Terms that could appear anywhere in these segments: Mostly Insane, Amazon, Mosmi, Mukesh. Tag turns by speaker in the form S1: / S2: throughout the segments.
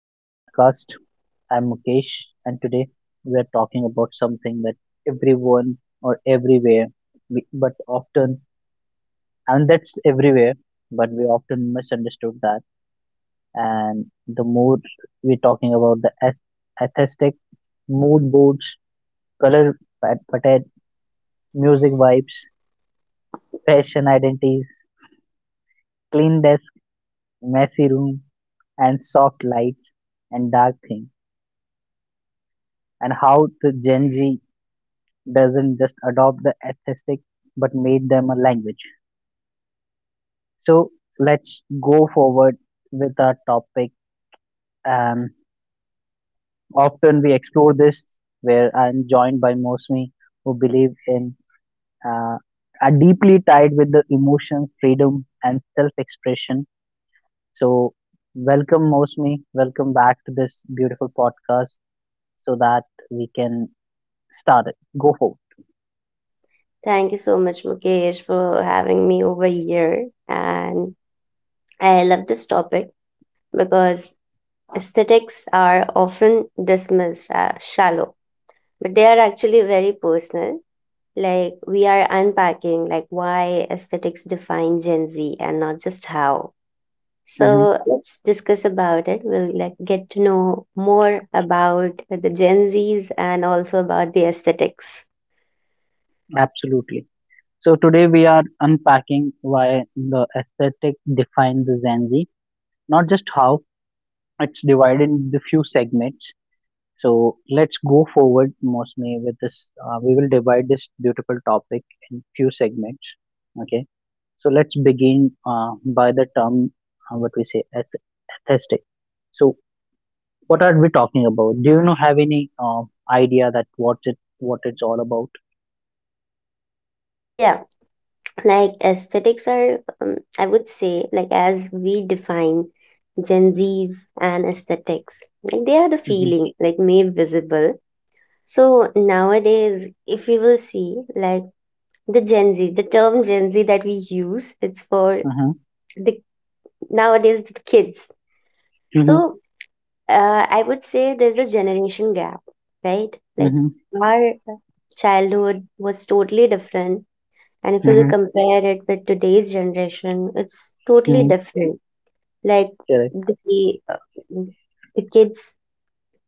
S1: to the podcast. I'm Mukesh, and today we are talking about something that everyone or everywhere, we, but often, and that's everywhere, but we often misunderstood that. And the mood we're talking about the aesthetic, mood boards, color pattern, music vibes, fashion identities, clean desk, messy room, and soft lights and dark thing, and how the Gen Z doesn't just adopt the aesthetic but made them a language. So let's go forward with our topic. Um, Often we explore this where I'm joined by Mosmi who believe in uh, are deeply tied with the emotions, freedom, and self-expression. So welcome Mosmi, welcome back to this beautiful podcast so that we can start it. Go forward.
S2: Thank you so much, Mukesh, for having me over here. And I love this topic because aesthetics are often dismissed as shallow, but they are actually very personal. We are unpacking, why aesthetics define Gen Z and not just how.
S1: Hmm.
S2: So, let's discuss about it. We'll, get to know more about the Gen Zs and also about the aesthetics.
S1: Absolutely. So today we are unpacking why the aesthetic defines the Gen Z, not just how it's divided into few segments. So let's go forward, mostly with this. We will divide this beautiful topic in few segments. Okay. So let's begin by the term what we say as aesthetic. So what are we talking about? Do you know have any idea that what it's all about?
S2: Yeah. Like aesthetics are, I would say, like, as we define Gen Z's and aesthetics, like, they are the
S1: Mm-hmm.
S2: feeling, like, made visible. So nowadays, if you will see, like, the term Gen Z that we use, it's for
S1: Mm-hmm.
S2: the nowadays the kids. So I would say there's a generation gap, right? Like,
S1: Mm-hmm.
S2: our childhood was totally different. And if
S1: Mm-hmm.
S2: you
S1: Mm-hmm.
S2: compare it with today's generation, it's totally
S1: Mm-hmm.
S2: different. Like,
S1: Correct.
S2: the uh, the kids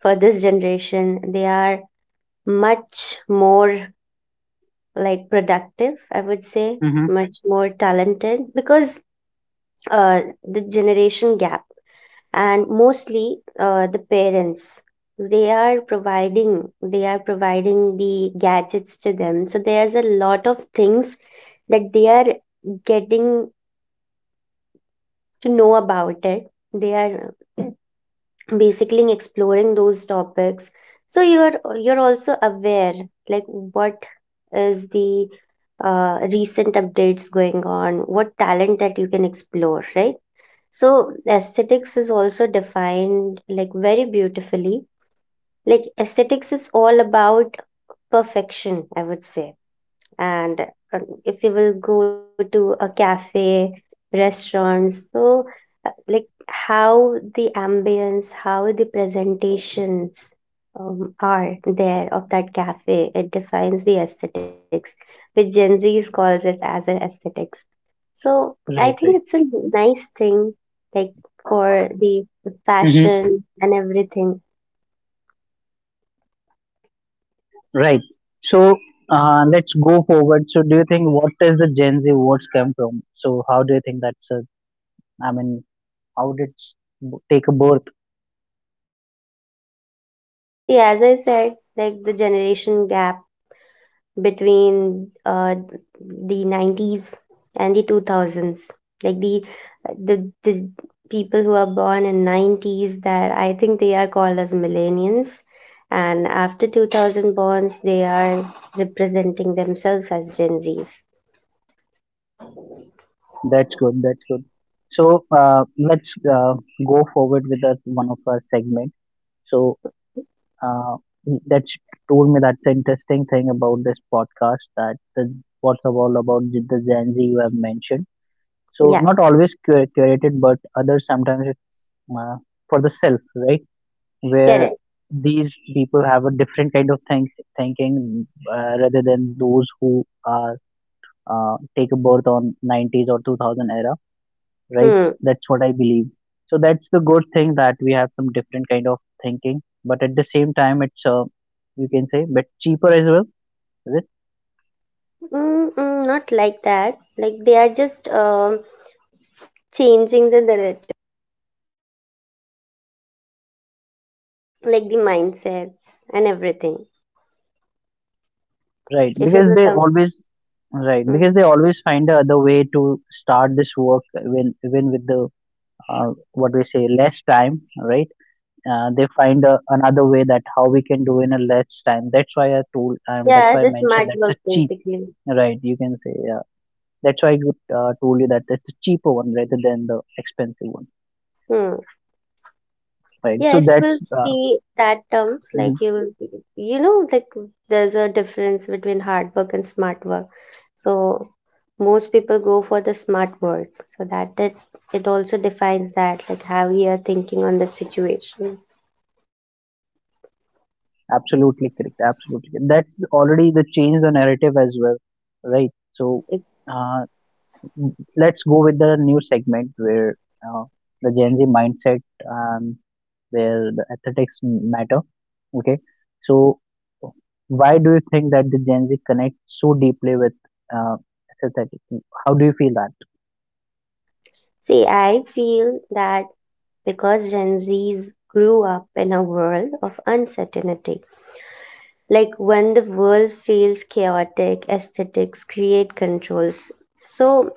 S2: for this generation, they are much more, like, productive, I would say,
S1: Mm-hmm.
S2: much more talented because the generation gap, and mostly the parents, they are providing the gadgets to them. So there's a lot of things that they are getting to know about. It they are basically exploring those topics. So you're also aware, like, what is the recent updates going on, what talent that you can explore, right? So aesthetics is also defined, like, very beautifully. Like, aesthetics is all about perfection, I would say. And if you will go to a cafe, restaurants, so, like, how the ambience, how the presentations, are there of that cafe, it defines the aesthetics, which Gen Z's calls it as an aesthetics. So I
S1: Right,
S2: think it's
S1: right.
S2: a nice thing, like, for the
S1: Hmm.
S2: fashion and everything.
S1: Right. So let's go forward. So do you think what is the Gen Z words come from? So how do you think that's a, I mean, how did it's take a birth?
S2: See, as I said, like, the generation gap between the 90s and the 2000s, like, the people who are born in 90s, that I think they are called as millennials. And after 2000 borns, they are representing themselves as Gen Z's.
S1: That's good. That's good. So let's go forward with that one of our segment. So uh, that's told me that's an interesting thing about this podcast that the, what's all about the Gen Z you have mentioned. So
S2: Yeah.
S1: not always curated, but others sometimes it's uh, for the self, right? Where
S2: Correct.
S1: these people have a different kind of thinking rather than those who are take a birth on 90s or 2000 era, right?
S2: Hmm.
S1: That's what I believe. So that's the good thing that we have some different kind of thinking, but at the same time it's, you can say but cheaper as well, is it?
S2: Mm-mm, not like that. Like, they are just changing the like the mindsets and everything.
S1: Right,
S2: if you
S1: because
S2: will
S1: they
S2: come
S1: always, right, because they
S2: Mm-hmm.
S1: always find the other way to start this work when even with the, what we say less time, right? They find a, another way that how we can do in a less time. That's why I told and that's
S2: Yeah,
S1: why
S2: the
S1: I mentioned
S2: smart
S1: that's a
S2: work
S1: cheap,
S2: basically.
S1: right, you can say, yeah. That's why I good, told you that it's a cheaper one rather than the expensive one,
S2: Hmm.
S1: right?
S2: Yeah,
S1: So
S2: if we'll
S1: that's,
S2: see that terms,
S1: mhm,
S2: like, you will, be- you know, like, there's a difference between hard work and smart work. So most people go for the smart work. So that it also defines that, like, how we are thinking on the situation.
S1: absolutely correct, absolutely correct. That's already the change the narrative as well, right?
S2: Mm.
S1: So
S2: Like,
S1: uh, let's go with the new segment where uh, the Gen Z mindset, Um, where the aesthetics matter. Okay, so why do you think that the Gen Z connect so deeply with uh, aesthetic? How do you feel that?
S2: see, I feel that because Gen Zs grew up in a world of uncertainty, like, when the world feels chaotic, aesthetics create controls. So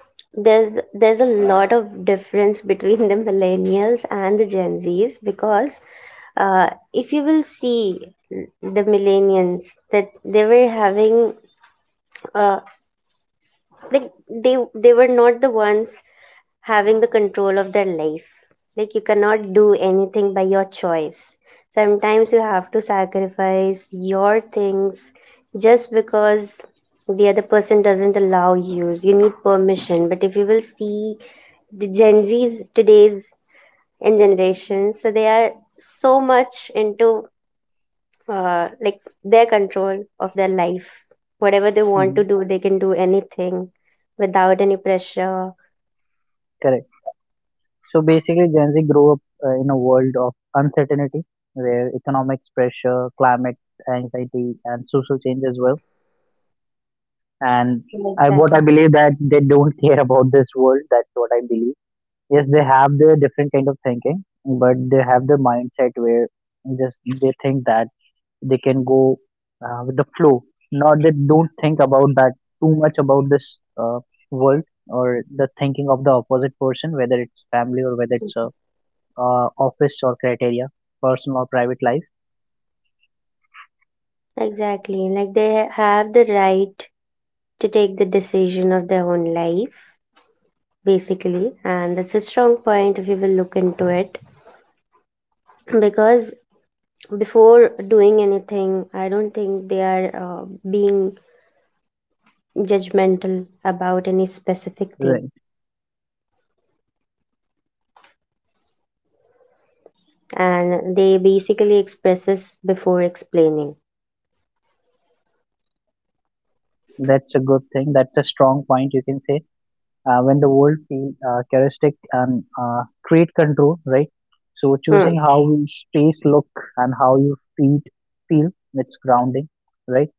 S2: there's a lot of difference between the millennials and the Gen Z's, because uh, if you will see the millennials, that they were having, uh, like, they were not the ones having the control of their life. Like, you cannot do anything by your choice. Sometimes you have to sacrifice your things just because the other person doesn't allow you. You need permission. But if you will see the Gen Z's today's in generation, so they are so much into, like, their control of their life. Whatever they want to
S1: Mhm.
S2: do, they can do anything without any pressure.
S1: Correct. So basically, Gen Z grew up in a world of uncertainty where economic pressure, climate anxiety, and social change as well.
S2: Yeah,
S1: And I, what I
S2: exactly.
S1: believe that they don't care about this world. That's what I believe. Yes, they have their different kind of thinking, but they have the mindset where just they think that they can go with the flow. Not they don't think about that too much about this world or the thinking of the opposite person, whether it's family or whether it's a office or criteria, personal or private life.
S2: Exactly. Like, they have the right to take the decision of their own life, basically. And that's a strong point if you will look into it. Because before doing anything, I don't think they are being judgmental about any specific thing.
S1: Right.
S2: And they basically expresses before explaining.
S1: That's a good thing. That's a strong point you can say. When the world feel characteristic and create control, right? So choosing
S2: Hmm.
S1: how you space look and how you feed feel, it's grounding, right?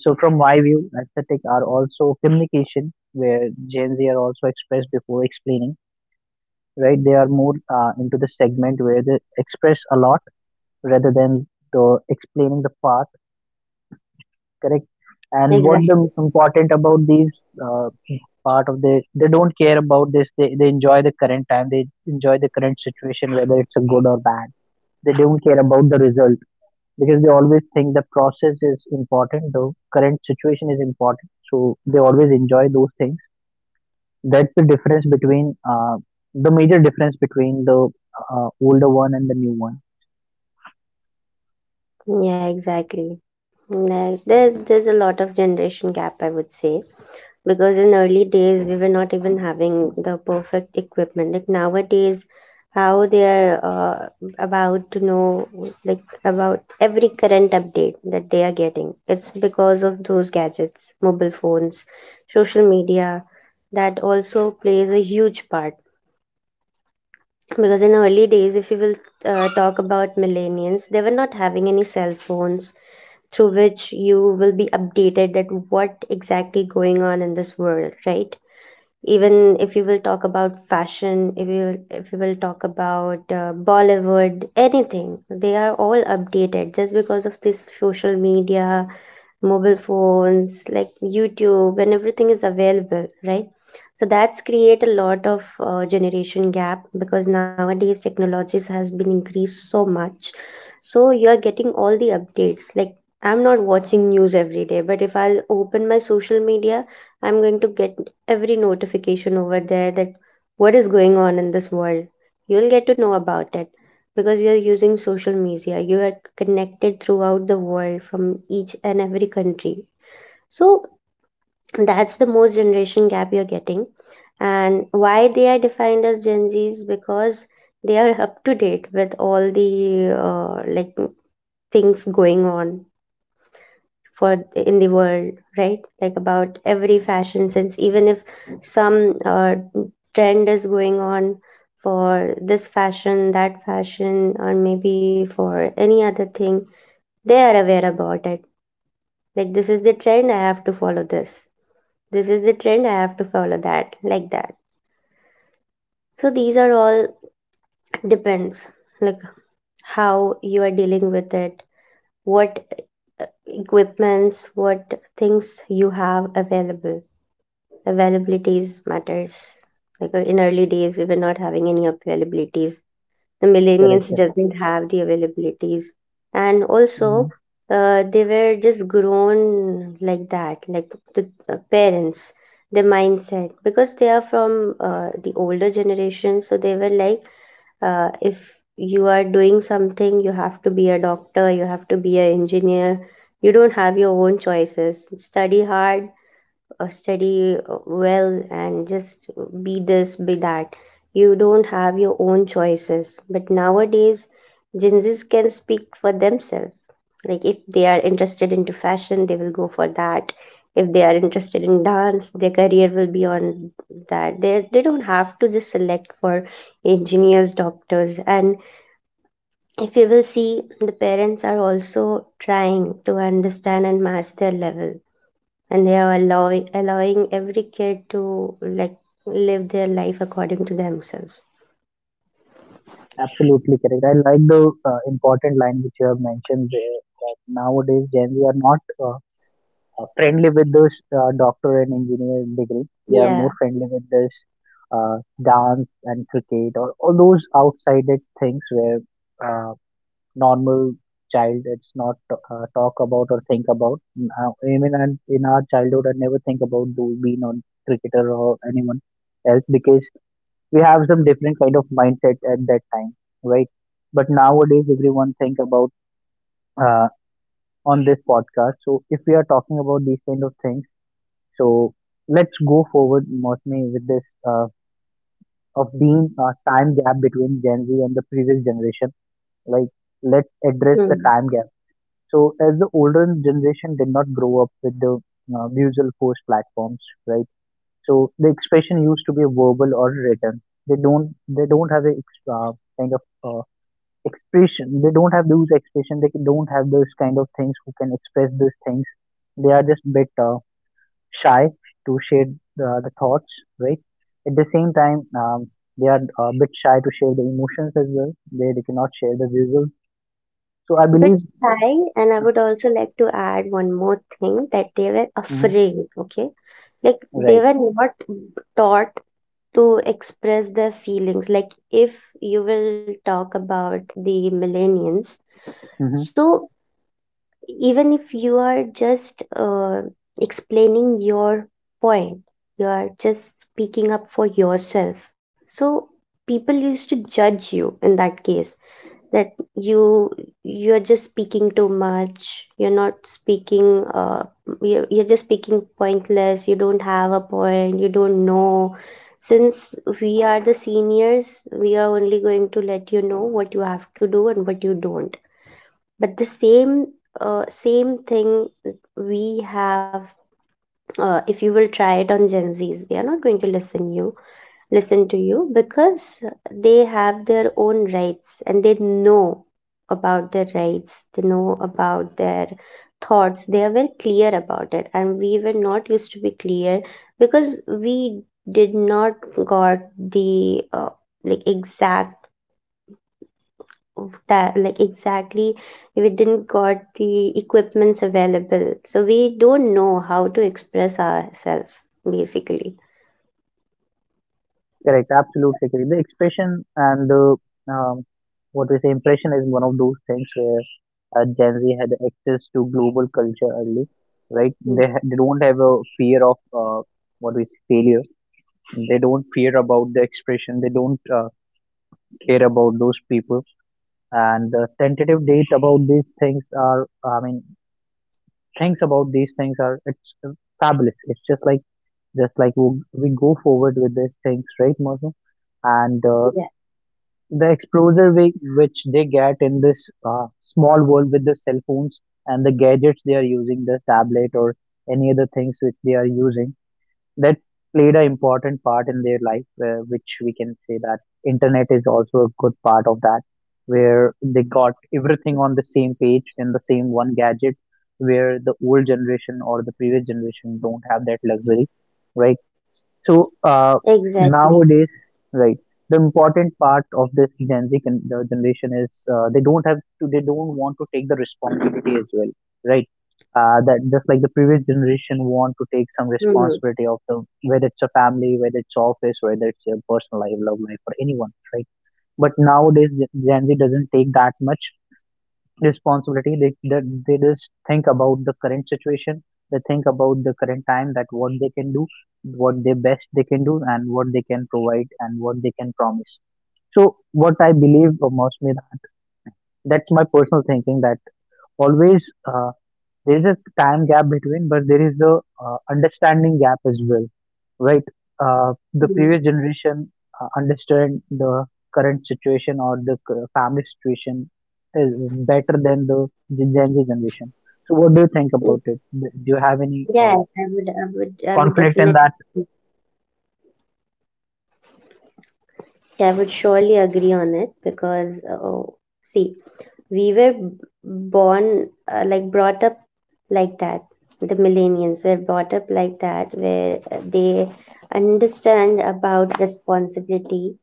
S1: So from my view, aesthetic are also communication where Gen Z are also expressed before explaining, right? They are more into the segment where they express a lot rather than the explaining the part, correct, and what the
S2: Exactly.
S1: important about these uh, part of the, they don't care about this, they enjoy the current time, they enjoy the current situation whether it's a good or bad. They don't care about the result because they always think the process is important, the current situation is important, so they always enjoy those things. That's the difference between, the major difference between the older one and the new one.
S2: Yeah, exactly. Like, there's a lot of generation gap, I would say. Because in early days, we were not even having the perfect equipment like nowadays. How they are about to know, like, about every current update that they are getting, it's because of those gadgets, mobile phones, social media, that also plays a huge part. Because in early days, if you will talk about millennials, they were not having any cell phones through which you will be updated that what exactly going on in this world, right? Even if you will talk about fashion, if you will talk about Bollywood, anything, they are all updated just because of this social media, mobile phones, like YouTube, and everything is available, right? So that's create a lot of generation gap, because nowadays technologies has been increased so much. So you are getting all the updates. Like, I'm not watching news every day, but if I'll open my social media, I'm going to get every notification over there that what is going on in this world. You'll get to know about it because you're using social media. You are connected throughout the world from each and every country. So that's the most generation gap you're getting. And why they are defined as Gen Z's? Because they are up to date with all the like things going on for in the world, right? Like, about every fashion sense, even if some trend is going on for this fashion, that fashion, or maybe for any other thing, they are aware about it. Like, this is the trend, I have to follow this. This is the trend, I have to follow that, like that. So these are all depends, like, how you are dealing with it, what uh, equipments, what things you have available. Availabilities matters. Like, in early days, we were not having any availabilities. The
S1: Correct,
S2: millennials doesn't have the availabilities, and also
S1: correct.
S2: they were just grown like that. Like, the parents, the mindset, because they are from the older generation, so they were like, if you are doing something, you have to be a doctor, you have to be an engineer, you don't have your own choices. Study hard, study well, and just be this, be that. You don't have your own choices. But nowadays, Gen Zs can speak for themselves. Like, if they are interested into fashion, they will go for that. If they are interested in dance, their career will be on that. They don't have to just select for engineers, doctors, and if you will see, the parents are also trying to understand and match their level, and they are allowing every kid to, like, live their life according to themselves.
S1: Absolutely correct. I like the important line which you have mentioned there that nowadays Gen Z are not friendly with those doctor and engineer degree. They are more
S2: Yeah.
S1: friendly with this uh, dance and cricket or all those outsided things where uh, normal child it's not talk about or think about. Now, even in our childhood, I never think about being on cricketer or anyone else because we have some different kind of mindset at that time, right? But nowadays, everyone think about uh, on this podcast. So if we are talking about these kind of things, so let's go forward, mostly with this of being a time gap between Gen Z and the previous generation. Like, let's address the
S2: Hmm.
S1: time gap. So as the older generation did not grow up with the visual post platforms, right? So the expression used to be verbal or written. They don't have a kind of expression. They don't have those expression. They don't have those kind of things who can express those things. They are just bit shy to share the thoughts, right? At the same time, they are a bit shy to share the emotions as well. They cannot share the visuals. So I
S2: But
S1: believe,
S2: I, and I would also like to add one more thing, that they were
S1: mhm,
S2: afraid, okay? Like, they
S1: right,
S2: were not taught to express their feelings. Like, if you will talk about the millennials,
S1: mhm.
S2: so even if you are just explaining your point, you are just speaking up for yourself. So people used to judge you in that case, that you're just speaking too much, you're not speaking you're just speaking pointless, you don't have a point, you don't know. Since we are the seniors, we are only going to let you know what you have to do and what you don't. But the same same thing we have, if you will try it on Gen Z's, they are not going to listen to you, because they have their own rights, and they know about their rights, they know about their thoughts. They are very clear about it, and we were not used to be clear, because we did not got the like, like, exactly, we didn't got the equipments available, so we don't know how to express ourselves, basically.
S1: Correct, absolutely correct. The expression and the, um, what we say impression is one of those things where Gen Z had access to global culture early, right?
S2: Mm,
S1: They they don't have a fear of what we say failure. They don't fear about the expression. They don't care about those people. And the tentative date about these things are, I mean, things about these things are, it's fabulous. It's just like, just like we go forward with these things, right, Martin? And
S2: yeah,
S1: the exposure we, which they get in this small world with the cell phones and the gadgets they are using, the tablet or any other things which they are using, that played an important part in their life, which we can say that internet is also a good part of that, where they got everything on the same page in the same one gadget, where the old generation or the previous generation don't have that luxury, right? So
S2: exactly.
S1: nowadays, right, the important part of this Gen Z the generation is they don't have to, they don't want to take the responsibility as well, right? That just like the previous generation want to take some
S2: Hmm.
S1: responsibility of the, whether it's a family, whether it's office, whether it's your personal life, love life, or anyone, right? But nowadays Gen Z doesn't take that much responsibility. They just think about the current situation. They think about the current time, that what they can do, what they best they can do, and what they can provide and what they can promise. So what I believe, most me, that that's my personal thinking, that always there is a time gap between, but there is the understanding gap as well, right? The previous generation understand the current situation or the family situation is better than the Gen Z generation. So what do you
S2: Mm,
S1: think about it? Do do you have
S2: Yeah,
S1: any
S2: I would
S1: conflict
S2: definitely,
S1: in that?
S2: yeah, I would surely agree on it because, oh, see, we were b- born, like, brought up like that. The millennials were brought up like that, where they understand about responsibility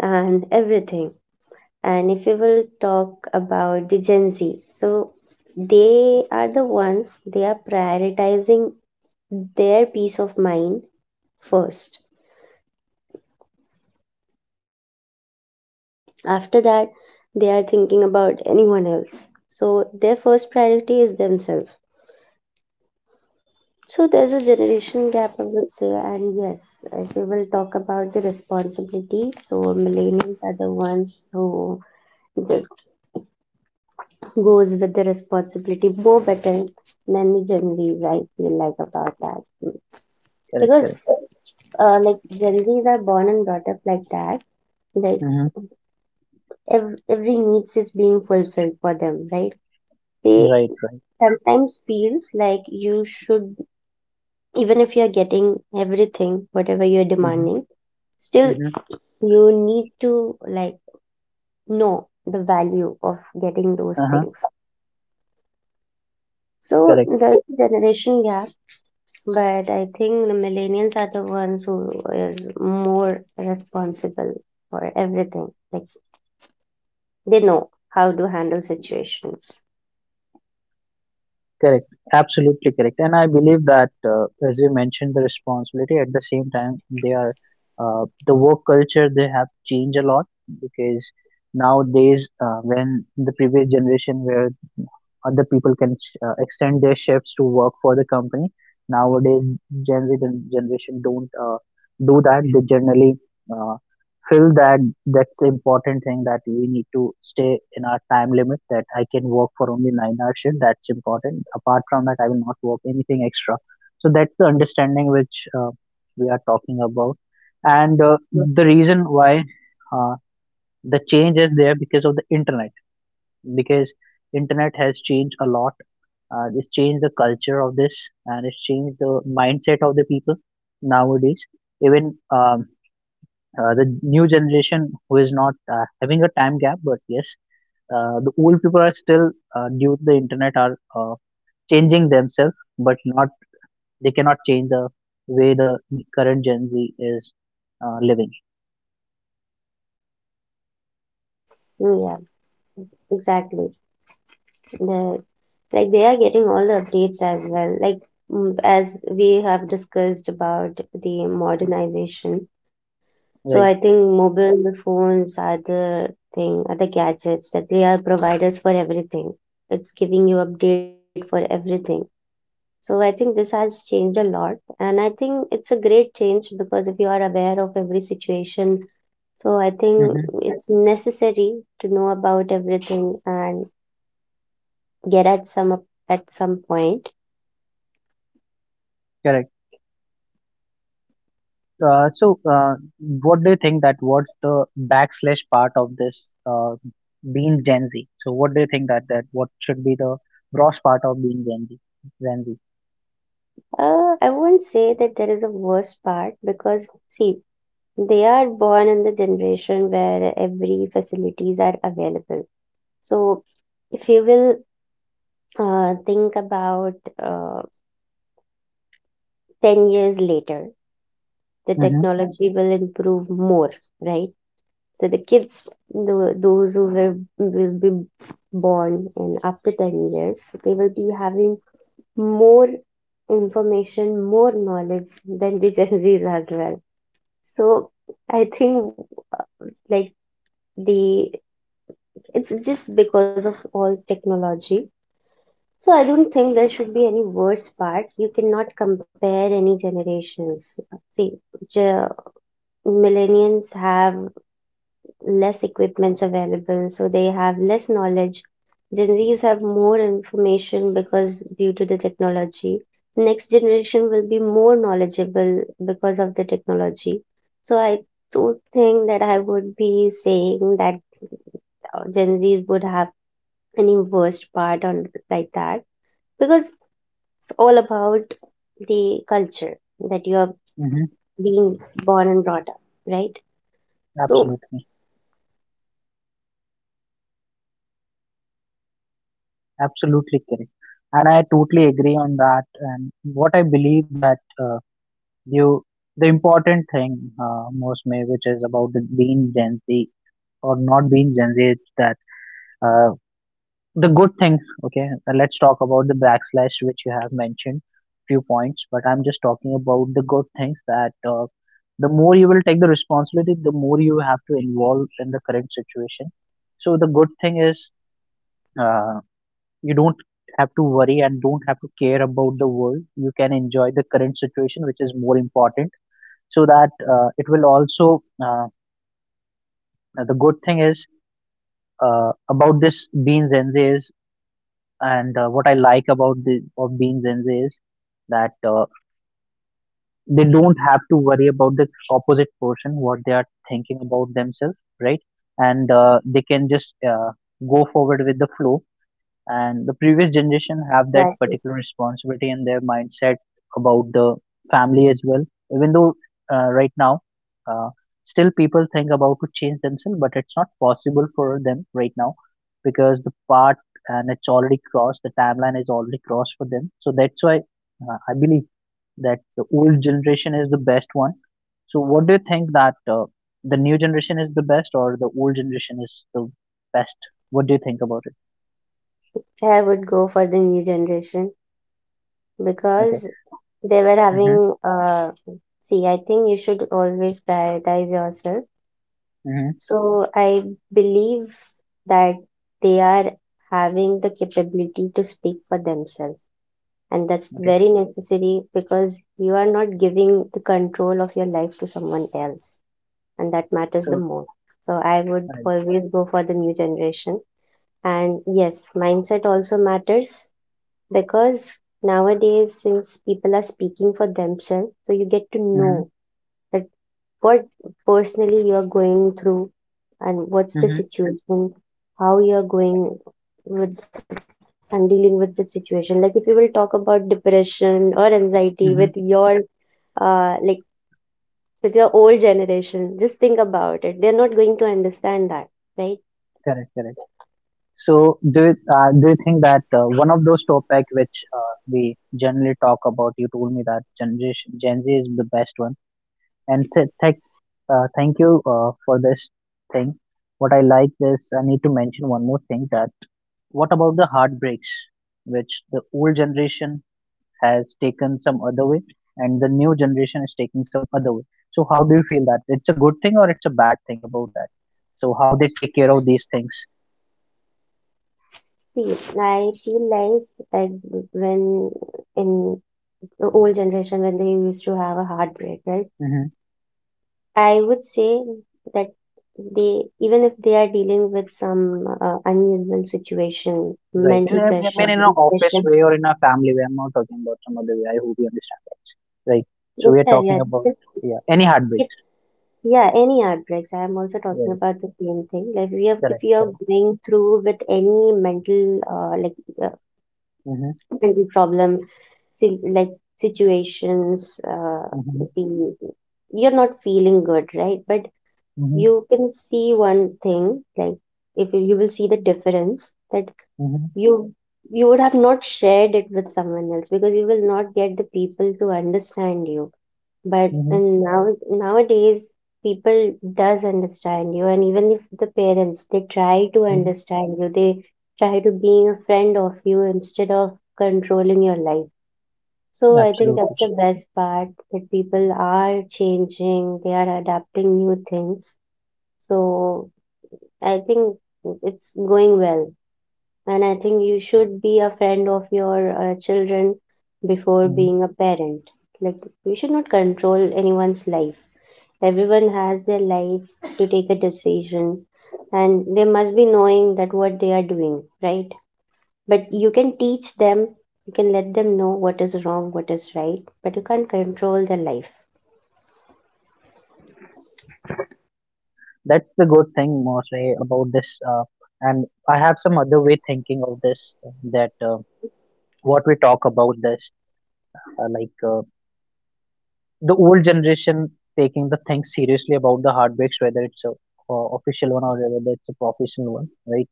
S2: and everything. And if you will talk about the Gen Z, so they are the ones, they are prioritizing their peace of mind first. After that, they are thinking about anyone else. So their first priority is themselves. So there's a generation gap, I would say. And yes, if we will talk about the responsibilities, so millennials are the ones who just goes with the responsibility more better than the Gen Zs. I feel like about that,
S1: Correct,
S2: because
S1: correct.
S2: like, Gen Zs are born and brought up like that. Like,
S1: Hmm.
S2: every needs is being fulfilled for them, right? They
S1: Right, right.
S2: sometimes feels like you should, even if you're getting everything, whatever you're
S1: Hmm.
S2: demanding, still
S1: Hmm.
S2: you need to, like, know the value of getting those
S1: Uh-huh.
S2: things. So
S1: Correct.
S2: there's a generation gap, but I think the millennials are the ones who is more responsible for everything. Like, they know how to handle situations.
S1: Correct. Absolutely correct. And I believe that, as you mentioned, the responsibility at the same time, they are, the work culture they have changed a lot because nowadays, when the previous generation where other people can extend their shifts to work for the company, nowadays Gen Z generation don't do that. They generally uh, feel that that's the important thing, that we need to stay in our time limit, that I can work for only 9 hours. Shift. That's important. Apart from that, I will not work anything extra. So that's the understanding which we are talking about. And the reason why uh, the change is there, because of the internet, because internet has changed a lot. It's changed the culture of this and it's changed the mindset of the people nowadays. Even the new generation who is not having a time gap. But yes, the old people are still, due to the internet, are changing themselves, but not, they cannot change the way the current Gen Z is living,
S2: Yeah, exactly. The like they are getting all the updates as well, like as we have discussed about the modernization. So
S1: right.
S2: I think mobile phones are the gadgets that they are providers for everything. It's giving you update for everything. So I think this has changed a lot, and I think it's a great change because if you are aware of every situation, so I think
S1: Mm-hmm.
S2: it's necessary to know about everything and get at some point.
S1: Correct. Uh, so uh, what do you think that what's the backslash part of this, uh, being Gen Z? So what do you think that what should be the gross part of being Gen Z, Gen Z?
S2: I wouldn't say that there is a worse part because, see, they are born in the generation where every facilities are available. So, if you will think about uh, 10 years later, the
S1: Mm-hmm.
S2: technology will improve more, right? So the kids, those who were, will be born in after 10 years, they will be having more information, more knowledge than the Gen Zs as well. So I think, like, the it's just because of all technology. So I don't think there should be any worse part. You cannot compare any generations. See, ge- millennials have less equipments available, so they have less knowledge. Gen Z's have more information because due to the technology, next generation will be more knowledgeable because of the technology. So I do think that I would be saying that Gen Z's would have any worst part on like that, because it's all about the culture that you are
S1: Mm-hmm.
S2: being born and brought up, right? So
S1: Absolutely. Absolutely correct. And I totally agree on that. And what I believe that you, the important thing, most may, which is about the being Gen Z or not being Gen Z, is that uh, the good things. Okay, let's talk about the backslash which you have mentioned few points, but I'm just talking about the good things that, the more you will take the responsibility, the more you have to involve in the current situation. So the good thing is. Uh, you don't have to worry and don't have to care about the world. You can enjoy the current situation, which is more important. So that, it will also, the good thing is about this beans and is, and what I like about the of beans and is that, they don't have to worry about the opposite person, what they are thinking about themselves, right? And they can just, go forward with the flow. And the previous generation have that
S2: that
S1: particular responsibility and their mindset about the family as well. Even though, right now, uh, still people think about to change themselves, but it's not possible for them right now, because the part, and it's already crossed, the timeline is already crossed for them. So that's why, I believe that the old generation is the best one. So what do you think that, the new generation is the best or the old generation is the best? What do you think about it?
S2: I would go for the new generation
S1: Okay.
S2: because they were
S1: Mm-hmm.
S2: having see, I think you should always prioritize yourself.
S1: Mm-hmm.
S2: So I believe that they are having the capability to speak for themselves, and that's
S1: Okay.
S2: very necessary because you are not giving the control of your life to someone else, and that matters the
S1: So,
S2: more. So I would
S1: right.
S2: always go for the new generation. And yes, mindset also matters, because nowadays, since people are speaking for themselves, so you get to
S1: Mm-hmm.
S2: know that what personally you're going through and what's the
S1: Mm-hmm.
S2: situation, how you're going with and dealing with the situation. Like, if you will talk about depression or anxiety with
S1: Mm-hmm.
S2: your, uh, like with your old generation, just think about it, they're not going to understand that, right?
S1: Correct, correct. So, do you think that, one of those topic which we generally talk about, you told me that generation Gen Z is the best one, and thank you for this thing. What I like is I need to mention one more thing that, what about the heartbreaks, which the old generation has taken some other way and the new generation is taking some other way. So how do you feel that it's a good thing or it's a bad thing about that? So how they take care of these things?
S2: See, I feel like that when in the old generation, when they used to have a heartbreak, right?
S1: Hmm.
S2: I would say that they, even if they are dealing with some unusual situation,
S1: Right. In a,
S2: mental
S1: I mean,
S2: pressure,
S1: in an office
S2: depression,
S1: way or in a family way. I'm not talking about some other way. I hope you understand that. Right. So we are
S2: yeah,
S1: talking
S2: yeah,
S1: about,
S2: it's-
S1: yeah, any heartbreaks.
S2: it, yeah, any heartbreaks. I am also talking
S1: Right.
S2: about the same thing. Like we have, if
S1: Correct.
S2: you are
S1: Correct.
S2: going through with any mental, like uh,
S1: Mm-hmm.
S2: mental problem, like situations,
S1: Mm-hmm.
S2: the, you're not feeling good, right? But
S1: Mm-hmm.
S2: you can see one thing, like if you will see the difference that you you would have not shared it with someone else because you will not get the people to understand you. But
S1: Mm-hmm.
S2: and now nowadays people does understand you, and even if the parents, they try to
S1: Mm-hmm.
S2: understand you, they try to being a friend of you instead of controlling your life. So I think that's
S1: Absolutely.
S2: the best part, that people are changing, they are adapting new things. So I think it's going well. And I think you should be a friend of your children before being a parent. Like, you should not control anyone's life. Everyone has their life to take a decision, and they must be knowing that what they are doing, right? But you can teach them, you can let them know what is wrong, what is right, but you can't control their life.
S1: That's the good thing mostly about this. And I have some other way thinking of this that, what we talk about this, uh, like uh, the old generation taking the things seriously about the heartbreaks, whether it's a official one or whether it's a professional one, right?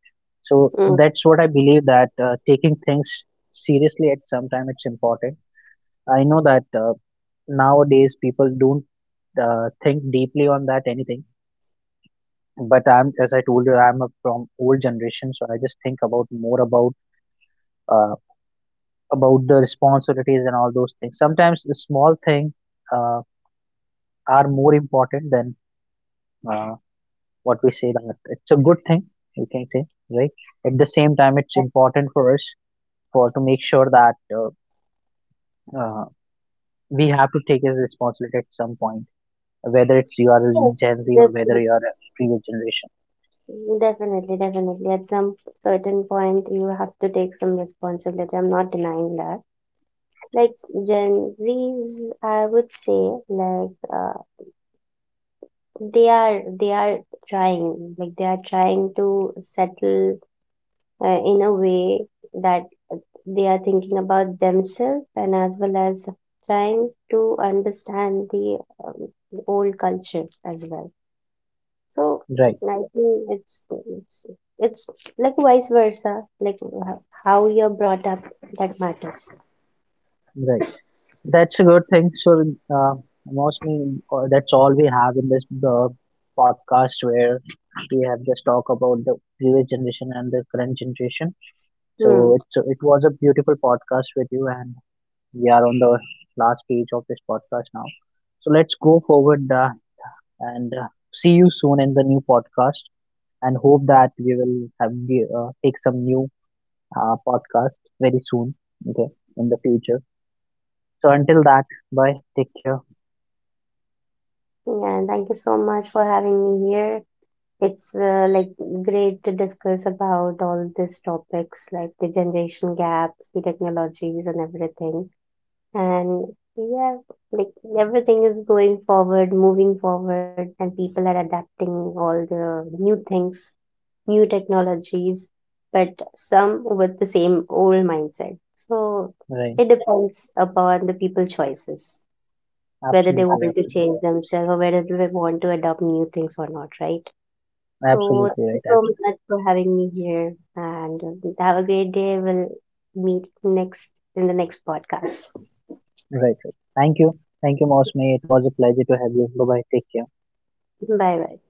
S1: So
S2: Mm.
S1: that's what I believe that, taking things seriously at some time it's important. I know that, nowadays people don't, think deeply on that anything, but I'm, as I told you, I'm a- from old generation, so I just think about more about, uh, about the responsibilities and all those things. Sometimes the small things, uh, are more important than, uh, what we say that it's a good thing. You can say, right. At the same time, it's
S2: That's
S1: important for us for to make sure that, uh, we have to take as responsibility at some point, whether it's you are
S2: it.
S1: Gen Z or
S2: Just
S1: whether you are a previous generation.
S2: definitely, definitely. At some certain point, you have to take some responsibility. I'm not denying that. Like Gen Zs, I would say, like they are trying, like they are trying to settle in a way that they are thinking about themselves and as well as trying to understand the um, old culture as well. So
S1: Right.
S2: I think it's it's like vice versa, like how you're brought up, that matters.
S1: Right. That's a good thing. So, uh, mostly, that's all we have in this, podcast where we have just talked about the previous generation and the current generation.
S2: Hmm.
S1: So, it's, it was a beautiful podcast with you, and we are on the last page of this podcast now. So, let's go forward, and see you soon in the new podcast, and hope that we will have the, take some new, podcast very soon, okay, in the future. So, until that, bye, take care,
S2: Yeah. Thank you so much for having me here. It's like great to discuss about all these topics, like the generation gaps, the technologies, and everything. And yeah, like everything is going forward, moving forward, and people are adapting all the new things, new technologies, but some with the same old mindset. So
S1: bye.
S2: it depends upon the people choices, whether they
S1: Absolutely,
S2: want to
S1: absolutely,
S2: change themselves or whether they want to adopt new things or not, right? So thank you so
S1: absolutely
S2: much for having me here, and have a great day. We'll meet next in the next podcast.
S1: right, right. Thank you, Mosme. It was a pleasure to have you. Bye bye. Take care.
S2: Bye bye.